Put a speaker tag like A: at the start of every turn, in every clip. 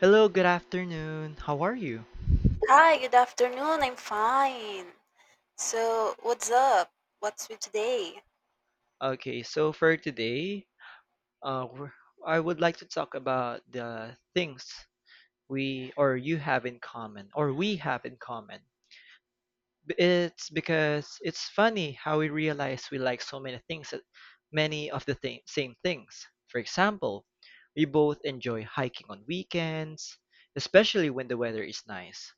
A: Hello, good afternoon. How are you?
B: Hi, good afternoon. I'm fine. So, what's up? What's with today?
A: Okay, so for today, uh, we're, I would like to talk about the things we or you have in common or we have in common. It's because it's funny how we realize we like so many things, many of the thing, same things. For example, we both enjoy hiking on weekends, especially when the weather is nice.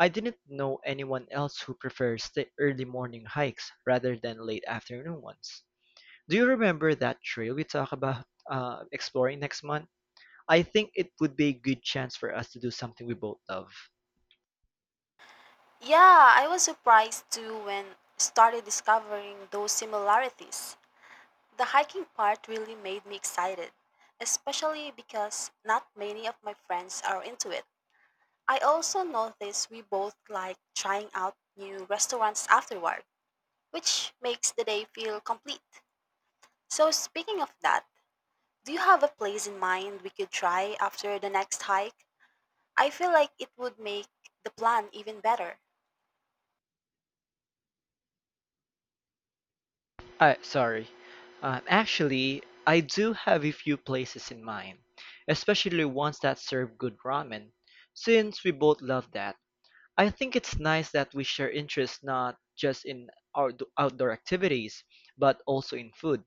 A: I didn't know anyone else who prefers the early morning hikes rather than late afternoon ones. Do you remember that trail we talked about exploring next month? I think it would be a good chance for us to do something we both love.
B: Yeah, I was surprised too when started discovering those similarities. The hiking part really made me excited, especially because not many of my friends are into it. I also noticed we both like trying out new restaurants afterward, which makes the day feel complete. So, speaking of that, do you have a place in mind we could try after the next hike? I feel like it would make the plan even better.
A: Sorry. Actually, I do have a few places in mind, especially ones that serve good ramen. Since we both love that, I think it's nice that we share interests not just in our outdoor activities, but also in food.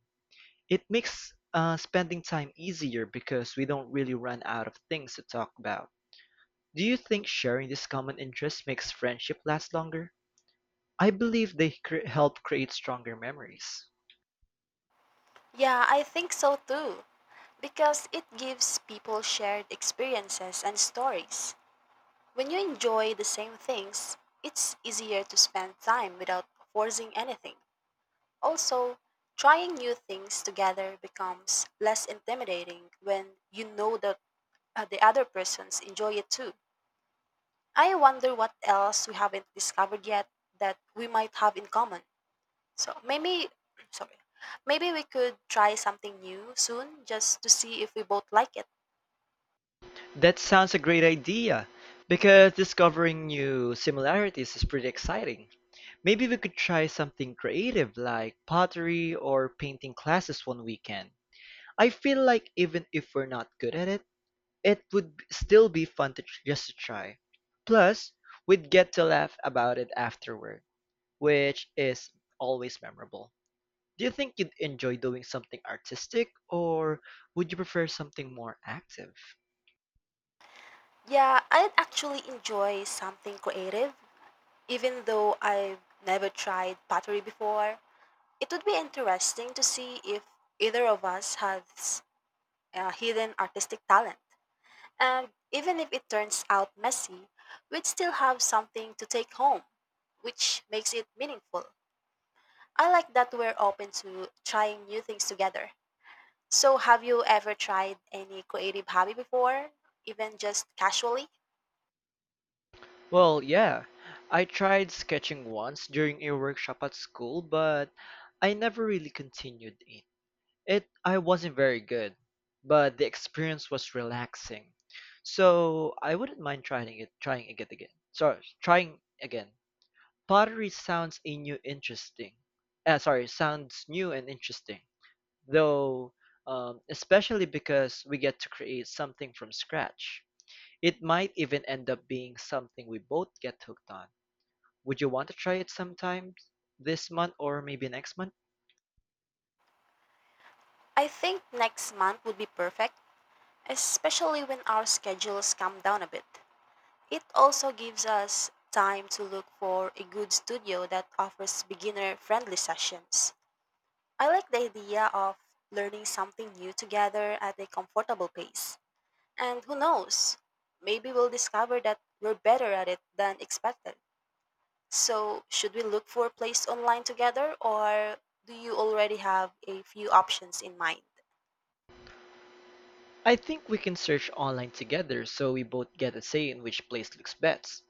A: It makes spending time easier because we don't really run out of things to talk about. Do you think sharing these common interests makes friendship last longer? I believe they help create stronger memories.
B: Yeah, I think so too, because it gives people shared experiences and stories. When you enjoy the same things, it's easier to spend time without forcing anything. Also, trying new things together becomes less intimidating when you know that the other persons enjoy it too. I wonder what else we haven't discovered yet that we might have in common. So maybe, sorry, maybe we could try something new soon just to see if we both like it.
A: That sounds a great idea because discovering new similarities is pretty exciting. Maybe we could try something creative like pottery or painting classes one weekend. I feel like even if we're not good at it, it would still be fun to just to try. Plus, we'd get to laugh about it afterward, which is always memorable. Do you think you'd enjoy doing something artistic, or would you prefer something more active?
B: Yeah, I'd actually enjoy something creative, even though I've never tried pottery before. It would be interesting to see if either of us has a hidden artistic talent. And even if it turns out messy, we'd still have something to take home, which makes it meaningful. I like that we're open to trying new things together. So, have you ever tried any creative hobby before, even just casually?
A: Well, yeah. I tried sketching once during a workshop at school, but I never really continued it. I wasn't very good, but the experience was relaxing. So I wouldn't mind trying it again. Sorry, trying again. Pottery sounds a new interesting. Sorry, sounds new and interesting. Though especially because we get to create something from scratch. It might even end up being something we both get hooked on. Would you want to try it sometime this month or maybe next month?
B: I think next month would be perfect, especially when our schedules come down a bit. It also gives us time to look for a good studio that offers beginner friendly sessions. I like the idea of learning something new together at a comfortable pace. And who knows, maybe we'll discover that we're better at it than expected. So, should we look for a place online together or do you already have a few options in mind?
A: I think we can search online together so we both get a say in which place looks best.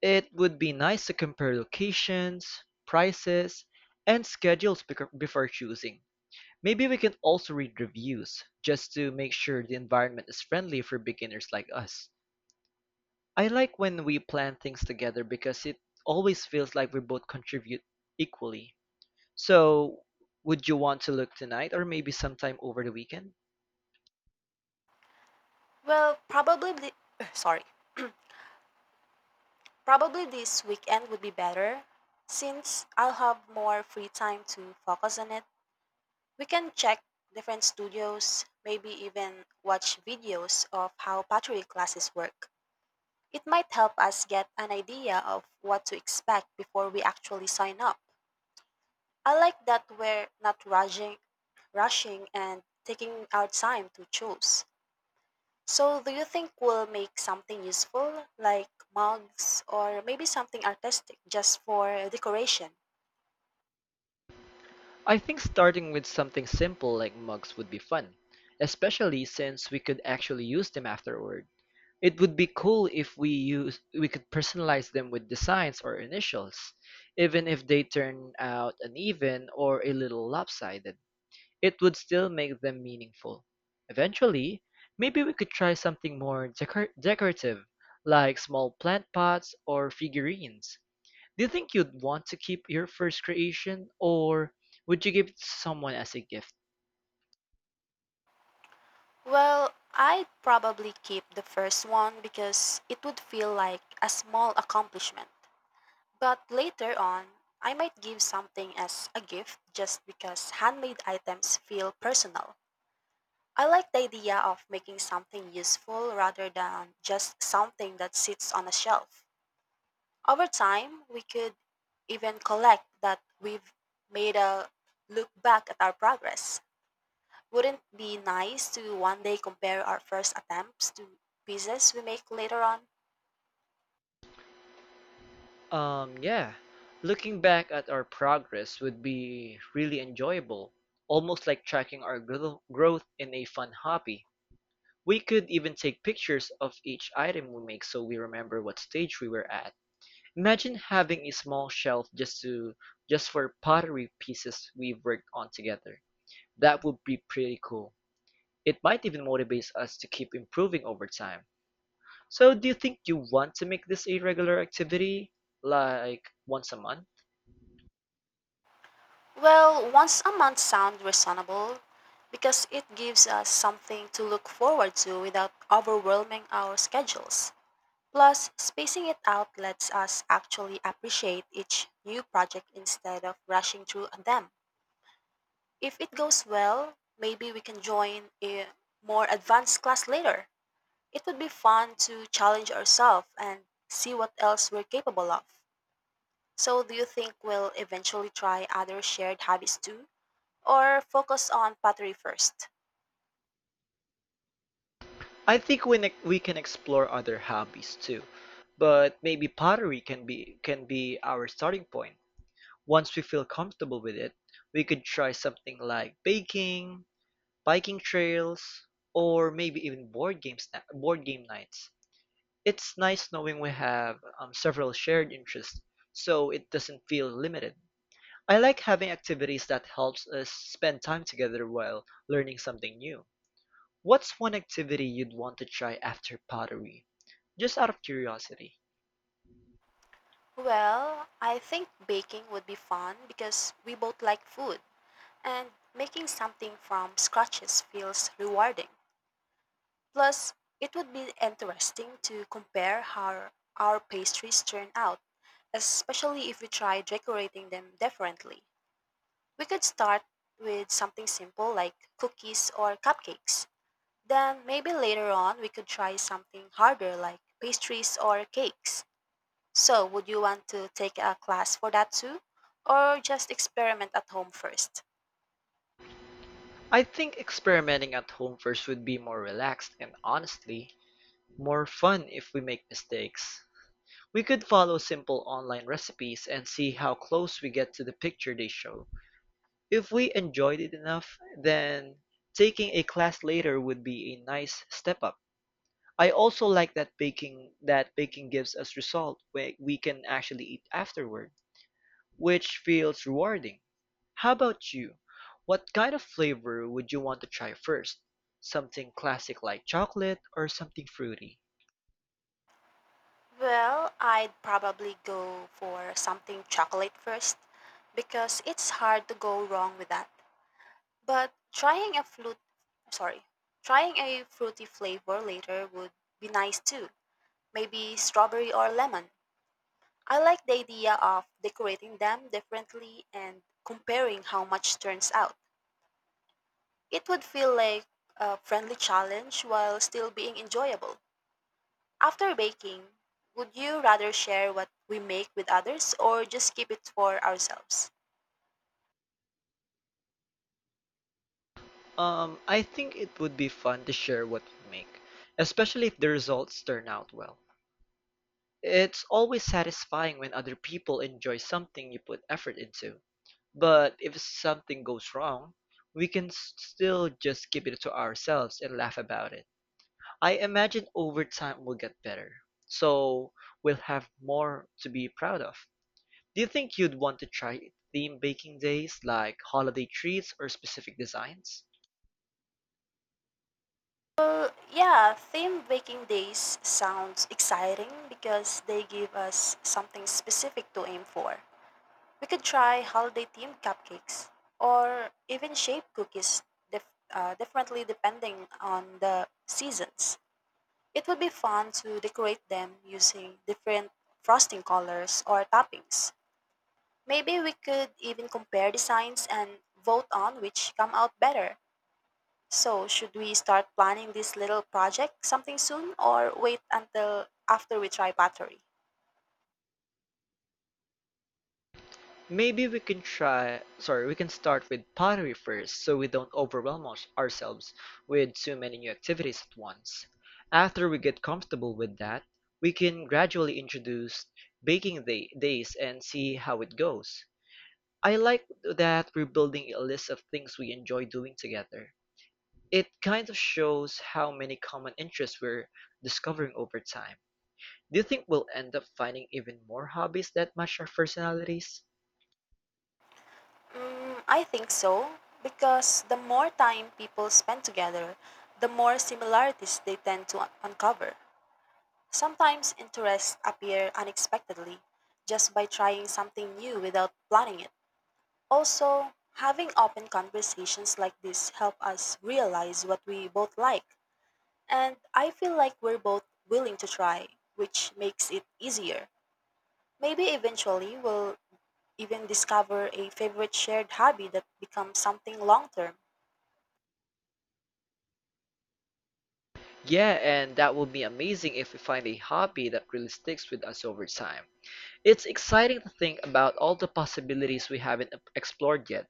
A: It would be nice to compare locations, prices, and schedules before choosing. Maybe we can also read reviews just to make sure the environment is friendly for beginners like us. I like when we plan things together because it always feels like we both contribute equally. So, would you want to look tonight or maybe sometime over the weekend?
B: Well, probably the, sorry. Probably this weekend would be better since I'll have more free time to focus on it. We can check different studios, maybe even watch videos of how pottery classes work. It might help us get an idea of what to expect before we actually sign up. I like that we're not rushing, and taking our time to choose. So, do you think we'll make something useful, like mugs or maybe something artistic just for decoration?
A: I think starting with something simple like mugs would be fun, especially since we could actually use them afterward. It would be cool if we could personalize them with designs or initials, even if they turn out uneven or a little lopsided. It would still make them meaningful. Eventually, maybe we could try something more decorative, like small plant pots or figurines. Do you think you'd want to keep your first creation, or would you give it to someone as a gift?
B: Well, I'd probably keep the first one because it would feel like a small accomplishment. But later on, I might give something as a gift just because handmade items feel personal. I like the idea of making something useful rather than just something that sits on a shelf. Over time, we could even collect that we've made a look back at our progress. Wouldn't it be nice to one day compare our first attempts to pieces we make later on?
A: Yeah, looking back at our progress would be really enjoyable, almost like tracking our growth in a fun hobby. We could even take pictures of each item we make so we remember what stage we were at. Imagine having a small shelf just for pottery pieces we've worked on together. That would be pretty cool. It might even motivate us to keep improving over time. So do you think you want to make this a regular activity, like once a month?
B: Well, once a month sounds reasonable because it gives us something to look forward to without overwhelming our schedules. Plus, spacing it out lets us actually appreciate each new project instead of rushing through them. If it goes well, maybe we can join a more advanced class later. It would be fun to challenge ourselves and see what else we're capable of. So, do you think we'll eventually try other shared hobbies too? Or focus on pottery first?
A: I think we can explore other hobbies too, but maybe pottery can be our starting point. Once we feel comfortable with it, we could try something like baking, biking trails, or maybe even board game nights. It's nice knowing we have several shared interests, so it doesn't feel limited. I like having activities that helps us spend time together while learning something new. What's one activity you'd want to try after pottery? Just out of curiosity.
B: Well, I think baking would be fun because we both like food. And making something from scratches feels rewarding. Plus, it would be interesting to compare how our pastries turn out, especially if we try decorating them differently. We could start with something simple like cookies or cupcakes. Then, maybe later on, we could try something harder like pastries or cakes. So, would you want to take a class for that too? Or just experiment at home first?
A: I think experimenting at home first would be more relaxed and honestly, more fun if we make mistakes. We could follow simple online recipes and see how close we get to the picture they show. If we enjoyed it enough, then taking a class later would be a nice step up. I also like that baking gives us result where we can actually eat afterward, which feels rewarding. How about you? What kind of flavor would you want to try first? Something classic like chocolate or something fruity?
B: Well, I'd probably go for something chocolate first because it's hard to go wrong with that. But sorry, trying a fruity flavor later would be nice too. Maybe strawberry or lemon. I like the idea of decorating them differently and comparing how much turns out. It would feel like a friendly challenge while still being enjoyable. After baking, would you rather share what we make with others or just keep it for ourselves?
A: I think it would be fun to share what we make, especially if the results turn out well. It's always satisfying when other people enjoy something you put effort into. But if something goes wrong, we can still just keep it to ourselves and laugh about it. I imagine over time we'll get better, so we'll have more to be proud of. Do you think you'd want to try theme baking days like holiday treats or specific designs?
B: Well, yeah, themed baking days sounds exciting because they give us something specific to aim for. We could try holiday themed cupcakes or even shape cookies dif- differently depending on the seasons. It would be fun to decorate them using different frosting colors or toppings. Maybe we could even compare designs and vote on which come out better. So, should we start planning this little project something soon or wait until after we try pottery?
A: Maybe we can try, sorry, We can start with pottery first so we don't overwhelm ourselves with too many new activities at once. After we get comfortable with that, we can gradually introduce days and see how it goes. I like that we're building a list of things we enjoy doing together. It kind of shows how many common interests we're discovering over time. Do you think we'll end up finding even more hobbies that match our personalities?
B: Mm, I think so, because the more time people spend together, the more similarities they tend to uncover. Sometimes interests appear unexpectedly just by trying something new without planning it. Also, having open conversations like this help us realize what we both like. And I feel like we're both willing to try, which makes it easier. Maybe eventually we'll even discover a favorite shared hobby that becomes something long term.
A: Yeah, and that will be amazing if we find a hobby that really sticks with us over time. It's exciting to think about all the possibilities we haven't explored yet.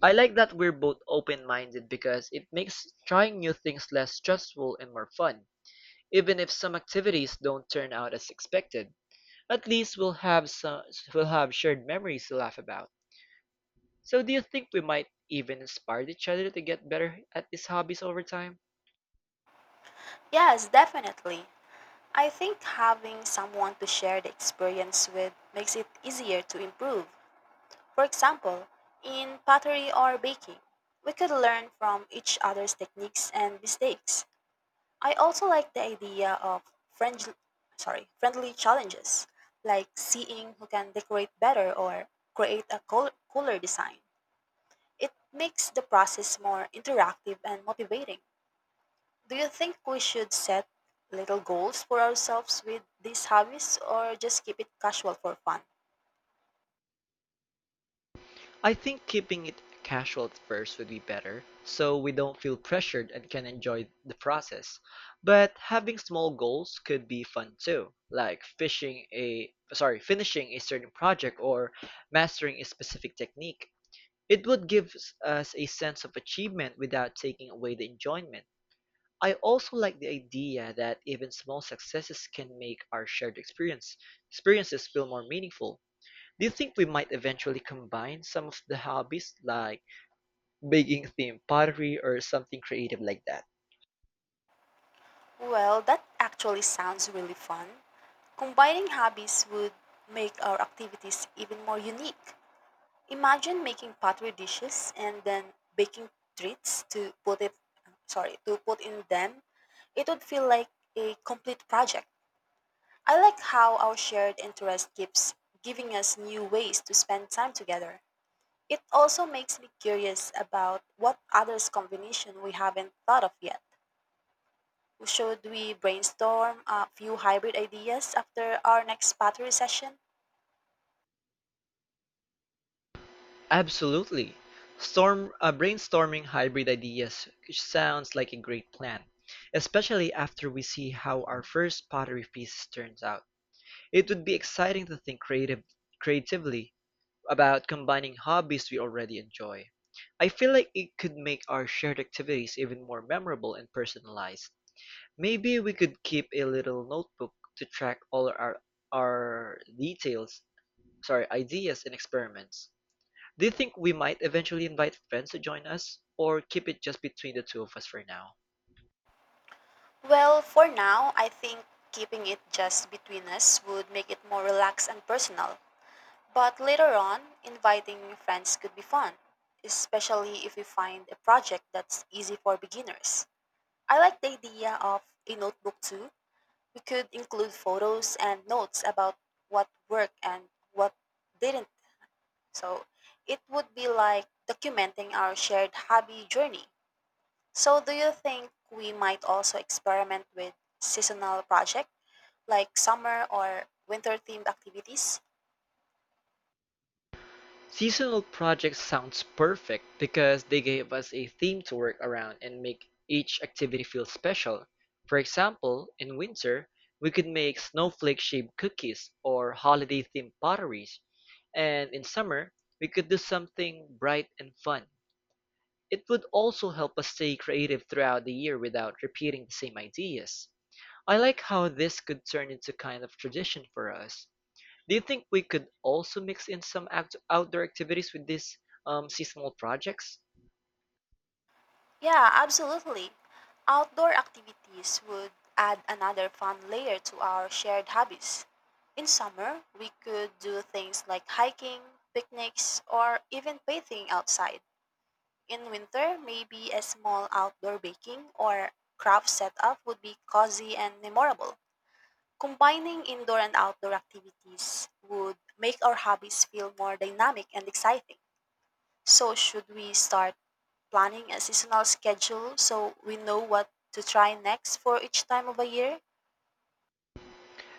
A: I like that we're both open minded because it makes trying new things less stressful and more fun, even if some activities don't turn out as expected. At least we'll have shared memories to laugh about. So do you think we might even inspire each other to get better at these hobbies over time?
B: Yes, definitely. I think having someone to share the experience with makes it easier to improve. For example, in pottery or baking, we could learn from each other's techniques and mistakes. I also like the idea of friendly, friendly challenges, like seeing who can decorate better or create a cooler design. It makes the process more interactive and motivating. Do you think we should set little goals for ourselves with these hobbies or just keep it casual for fun?
A: I think keeping it casual at first would be better, so we don't feel pressured and can enjoy the process. But having small goals could be fun too, like finishing a certain project or mastering a specific technique. It would give us a sense of achievement without taking away the enjoyment. I also like the idea that even small successes can make our shared experience experiences feel more meaningful. Do you think we might eventually combine some of the hobbies like making themed pottery or something creative like that?
B: Well, that actually sounds really fun. Combining hobbies would make our activities even more unique. Imagine making pottery dishes and then baking treats to to put in them. It would feel like a complete project. I like how our shared interest keeps giving us new ways to spend time together. It also makes me curious about what others combination we haven't thought of yet. Should we brainstorm a few hybrid ideas after our next pottery session?
A: Absolutely. Storm Brainstorming hybrid ideas sounds like a great plan, especially after we see how our first pottery piece turns out. It would be exciting to think creatively about combining hobbies we already enjoy. I feel like it could make our shared activities even more memorable and personalized. Maybe we could keep a little notebook to track all our details, sorry, ideas and experiments. Do you think we might eventually invite friends to join us or keep it just between the two of us for now?
B: Well, for now, I think keeping it just between us would make it more relaxed and personal. But later on, inviting friends could be fun, especially if we find a project that's easy for beginners. I like the idea of a notebook too. We could include photos and notes about what worked and what didn't. So it would be like documenting our shared hobby journey. So, do you think we might also experiment with seasonal projects? Like summer or winter themed activities?
A: Seasonal projects sounds perfect because they gave us a theme to work around and make each activity feel special. For example, in winter, we could make snowflake-shaped cookies or holiday-themed potteries. And in summer, we could do something bright and fun. It would also help us stay creative throughout the year without repeating the same ideas. I like how this could turn into kind of tradition for us. Do you think we could also mix in some outdoor activities with these seasonal projects?
B: Yeah, absolutely. Outdoor activities would add another fun layer to our shared hobbies. In summer, we could do things like hiking, picnics, or even bathing outside. In winter, maybe a small outdoor baking or craft setup would be cozy and memorable. Combining indoor and outdoor activities would make our hobbies feel more dynamic and exciting. So, should we start? Planning a seasonal schedule so we know what to try next for each time of a year?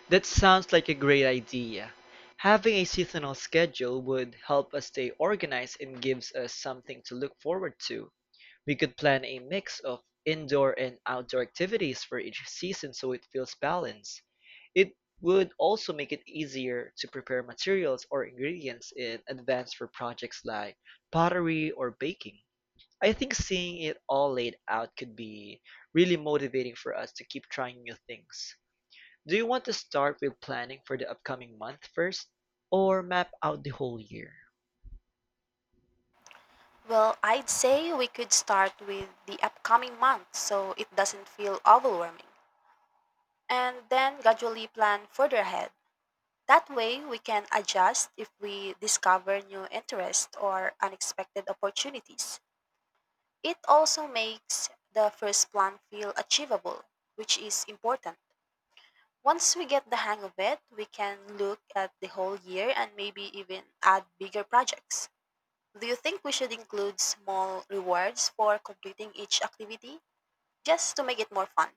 A: That sounds like a great idea. Having a seasonal schedule would help us stay organized and gives us something to look forward to. We could plan a mix of indoor and outdoor activities for each season so it feels balanced. It would also make it easier to prepare materials or ingredients in advance for projects like pottery or baking. I think seeing it all laid out could be really motivating for us to keep trying new things. Do you want to start with planning for the upcoming month first, or map out the whole year?
B: Well, I'd say we could start with the upcoming month so it doesn't feel overwhelming, and then gradually plan further ahead. That way, we can adjust if we discover new interests or unexpected opportunities. It also makes the first plan feel achievable, which is important. Once we get the hang of it, we can look at the whole year and maybe even add bigger projects. Do you think we should include small rewards for completing each activity just to make it more fun?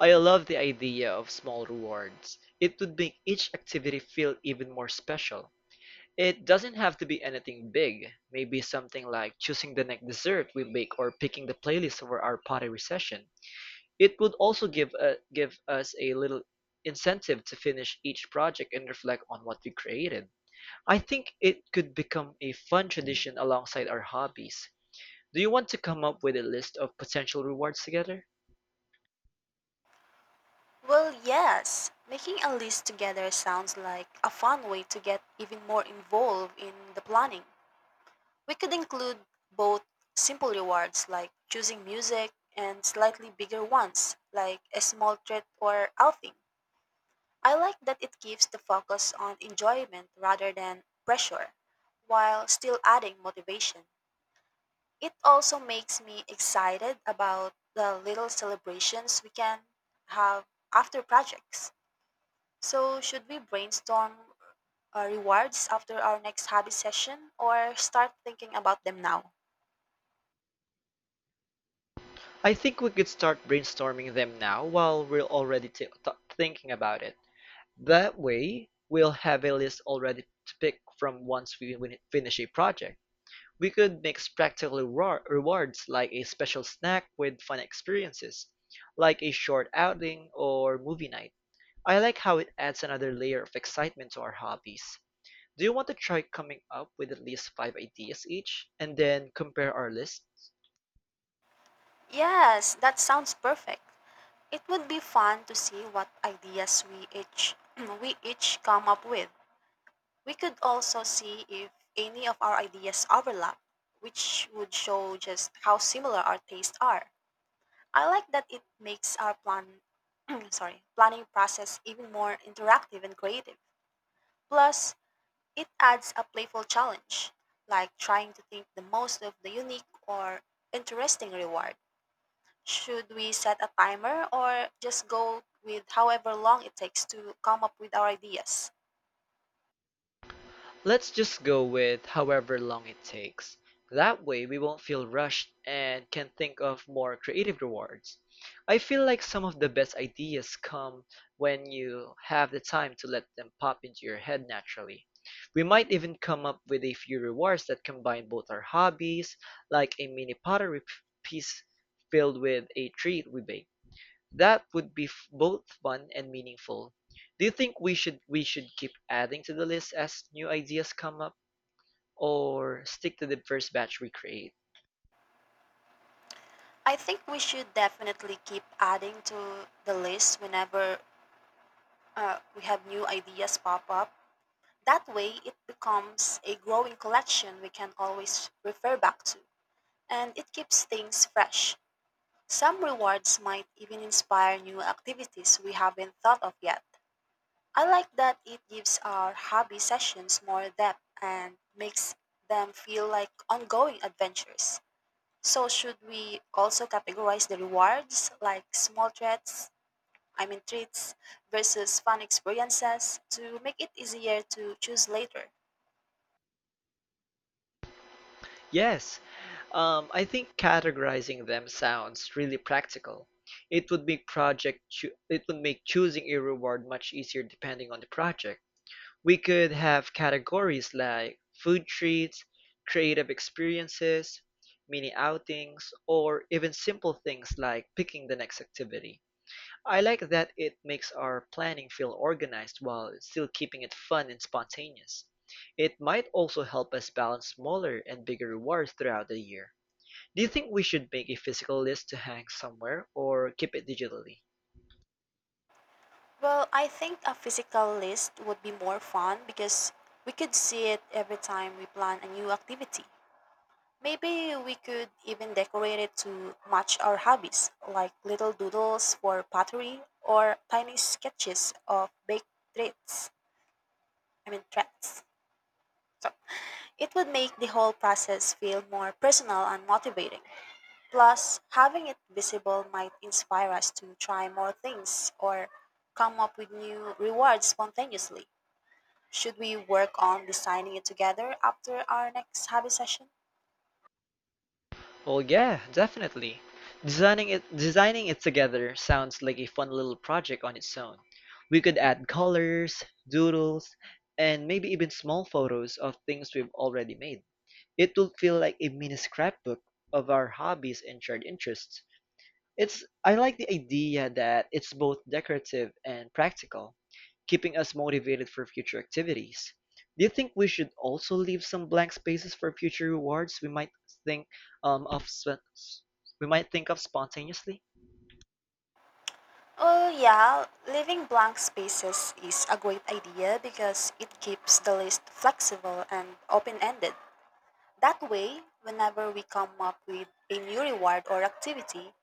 A: I love the idea of small rewards. It would make each activity feel even more special. It doesn't have to be anything big, maybe something like choosing the next dessert we bake or picking the playlist for our pottery session. It would also give us a little incentive to finish each project and reflect on what we created. I think it could become a fun tradition alongside our hobbies. Do you want to come up with a list of potential rewards together?
B: Well, yes. Making a list together sounds like a fun way to get even more involved in the planning. We could include both simple rewards like choosing music and slightly bigger ones like a small treat or outing. I like that it keeps the focus on enjoyment rather than pressure, while still adding motivation. It also makes me excited about the little celebrations we can have after projects. So, should we brainstorm rewards after our next hobby session or start thinking about them now?
A: I think we could start brainstorming them now while we're already thinking about it. That way, we'll have a list already to pick from once we finish a project. We could mix practical rewards like a special snack with fun experiences, like a short outing or movie night. I like how it adds another layer of excitement to our hobbies. Do you want to try coming up with at least five ideas each and then compare our lists?
B: Yes, that sounds perfect. It would be fun to see what ideas we each we each come up with. We could also see if any of our ideas overlap, which would show just how similar our tastes are. I like that it makes our plan sorry, planning process even more interactive and creative. Plus, it adds a playful challenge, like trying to think the most of the unique or interesting reward. Should we set a timer or just go with however long it takes to come up with our ideas?
A: Let's just go with however long it takes. That way we won't feel rushed and can think of more creative rewards. I feel like some of the best ideas come when you have the time to let them pop into your head naturally. We might even come up with a few rewards that combine both our hobbies, like a mini pottery piece filled with a treat we bake. That would be both fun and meaningful. Do you think we should keep adding to the list as new ideas come up or stick to the first batch we create?
B: I think we should definitely keep adding to the list whenever we have new ideas pop up. That way, it becomes a growing collection we can always refer back to, and it keeps things fresh. Some rewards might even inspire new activities we haven't thought of yet. I like that it gives our hobby sessions more depth and makes them feel like ongoing adventures. So should we also categorize the rewards like small treats, I mean treats versus fun experiences to make it easier to choose later?
A: Yes, I think categorizing them sounds really practical. It would make it would make choosing a reward much easier depending on the project. We could have categories like food treats, creative experiences, mini outings, or even simple things like picking the next activity. I like that it makes our planning feel organized while still keeping it fun and spontaneous. It might also help us balance smaller and bigger rewards throughout the year. Do you think we should make a physical list to hang somewhere or keep it digitally?
B: Well, I think a physical list would be more fun because we could see it every time we plan a new activity. Maybe we could even decorate it to match our hobbies, like little doodles for pottery or tiny sketches of baked treats. I mean treats. It would make the whole process feel more personal and motivating. Plus, having it visible might inspire us to try more things or come up with new rewards spontaneously. Should we work on designing it together after our next hobby session?
A: Well, yeah, definitely. Designing it together sounds like a fun little project on its own. We could add colors, doodles, and maybe even small photos of things we've already made. It will feel like a mini scrapbook of our hobbies and shared interests. It's I like the idea that it's both decorative and practical, keeping us motivated for future activities. Do you think we should also leave some blank spaces for future rewards we might think um, of sp- we might think of spontaneously?
B: Oh, yeah, leaving blank spaces is a great idea because it keeps the list flexible and open ended. That way, whenever we come up with a new reward or activity,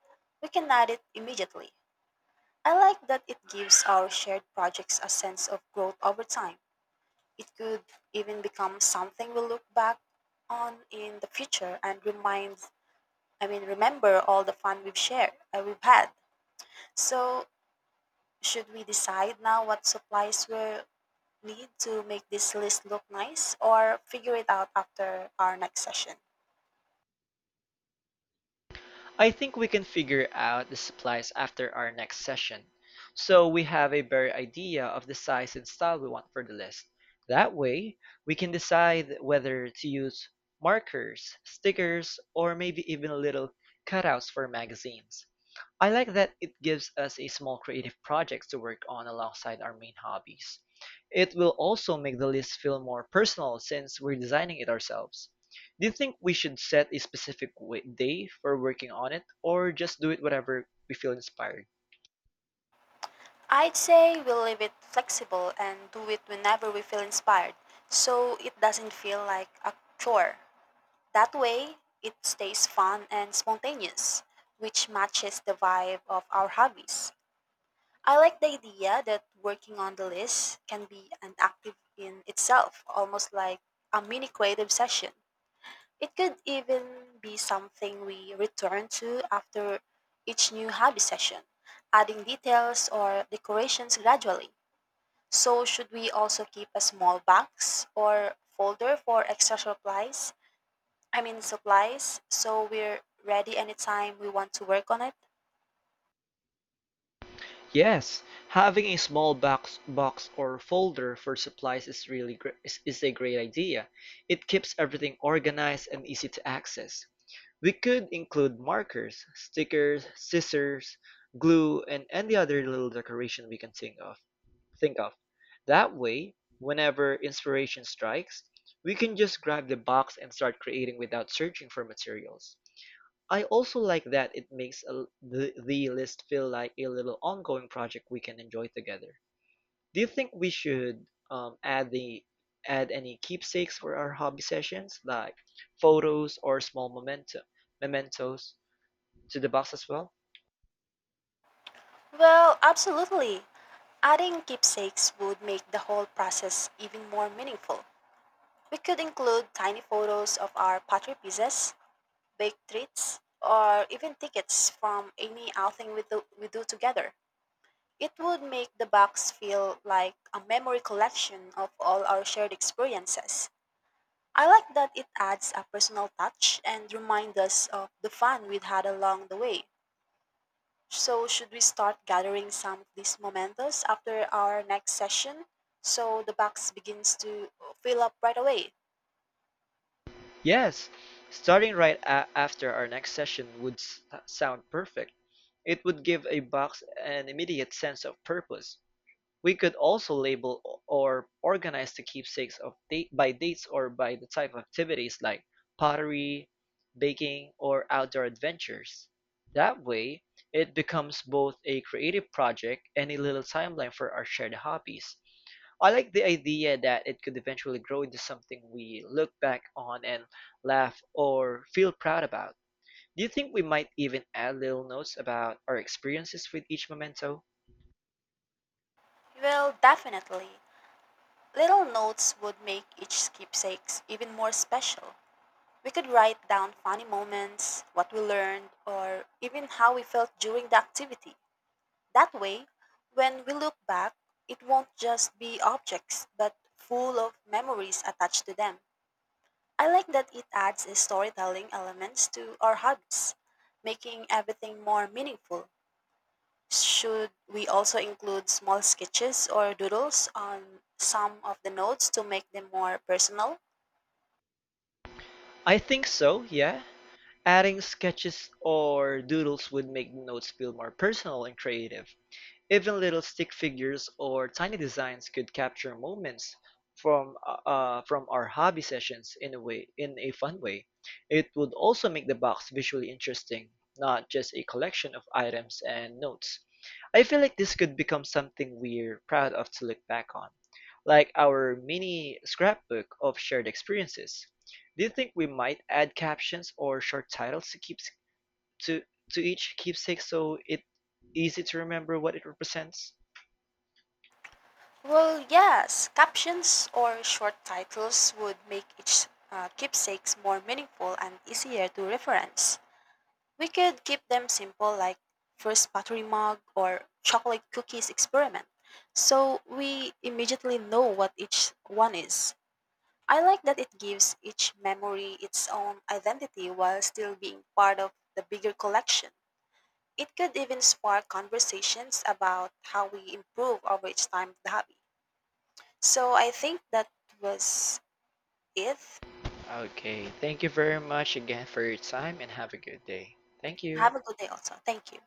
B: we can add it immediately. I like that it gives our shared projects a sense of growth over time. It could even become something we look back on in the future and remember all the fun we've had. So, should we decide now what supplies we'll need to make this list look nice or figure it out after our next session?
A: I think we can figure out the supplies after our next session, so we have a better idea of the size and style we want for the list. That way, we can decide whether to use markers, stickers, or maybe even little cutouts for magazines. I like that it gives us a small creative project to work on alongside our main hobbies. It will also make the list feel more personal since we're designing it ourselves. Do you think we should set a specific day for working on it or just do it whenever we feel inspired?
B: I'd say we'll leave it flexible and do it whenever we feel inspired so it doesn't feel like a chore. That way, it stays fun and spontaneous, which matches the vibe of our hobbies. I like the idea that working on the list can be an active in itself, almost like a mini creative session. It could even be something we return to after each new hobby session, adding details or decorations gradually. So, should we also keep a small box or folder for extra supplies? I mean supplies, so we're ready anytime we want to work on it?
A: Yes, having a small box or folder for supplies is really gr- is a great idea. It keeps everything organized and easy to access. We could include markers, stickers, scissors, glue, and any other little decoration we can think of. Think of. That way, whenever inspiration strikes, we can just grab the box and start creating without searching for materials. I also like that it makes the list feel like a little ongoing project we can enjoy together. Do you think we should um, add the add any keepsakes for our hobby sessions, like photos or small mementos to the box as well?
B: Well, absolutely. Adding keepsakes would make the whole process even more meaningful. We could include tiny photos of our pottery pieces, baked treats, or even tickets from any outing we do together. It would make the box feel like a memory collection of all our shared experiences. I like that it adds a personal touch and reminds us of the fun we'd had along the way. So, should we start gathering some of these mementos after our next session so the box begins to fill up right away?
A: Yes, starting right after our next session would sound perfect. It would give a box an immediate sense of purpose. We could also label or organize the keepsakes of date by dates or by the type of activities like pottery, baking, or outdoor adventures. That way, it becomes both a creative project and a little timeline for our shared hobbies. I like the idea that it could eventually grow into something we look back on and laugh or feel proud about. Do you think we might even add little notes about our experiences with each memento?
B: Well, definitely. Little notes would make each keepsakes even more special. We could write down funny moments, what we learned, or even how we felt during the activity. That way, when we look back, it won't just be objects, but full of memories attached to them. I like that it adds a storytelling elements to our hobbies, making everything more meaningful. Should we also include small sketches or doodles on some of the notes to make them more personal?
A: I think so, yeah. Adding sketches or doodles would make notes feel more personal and creative. Even little stick figures or tiny designs could capture moments from our hobby sessions in a fun way. It would also make the box visually interesting, not just a collection of items and notes. I feel like this could become something we're proud of to look back on, like our mini scrapbook of shared experiences. Do you think we might add captions or short titles to to each keepsake so it easy to remember what it represents?
B: Well, yes, captions or short titles would make each keepsakes more meaningful and easier to reference. We could keep them simple, like first pottery mug or chocolate cookies experiment, so we immediately know what each one is. I like that it gives each memory its own identity while still being part of the bigger collection. It could even spark conversations about how we improve over each time of the hobby. So I think that was it.
A: Okay, thank you very much again for your time and have a good day. Thank you.
B: Have a good day also. Thank you.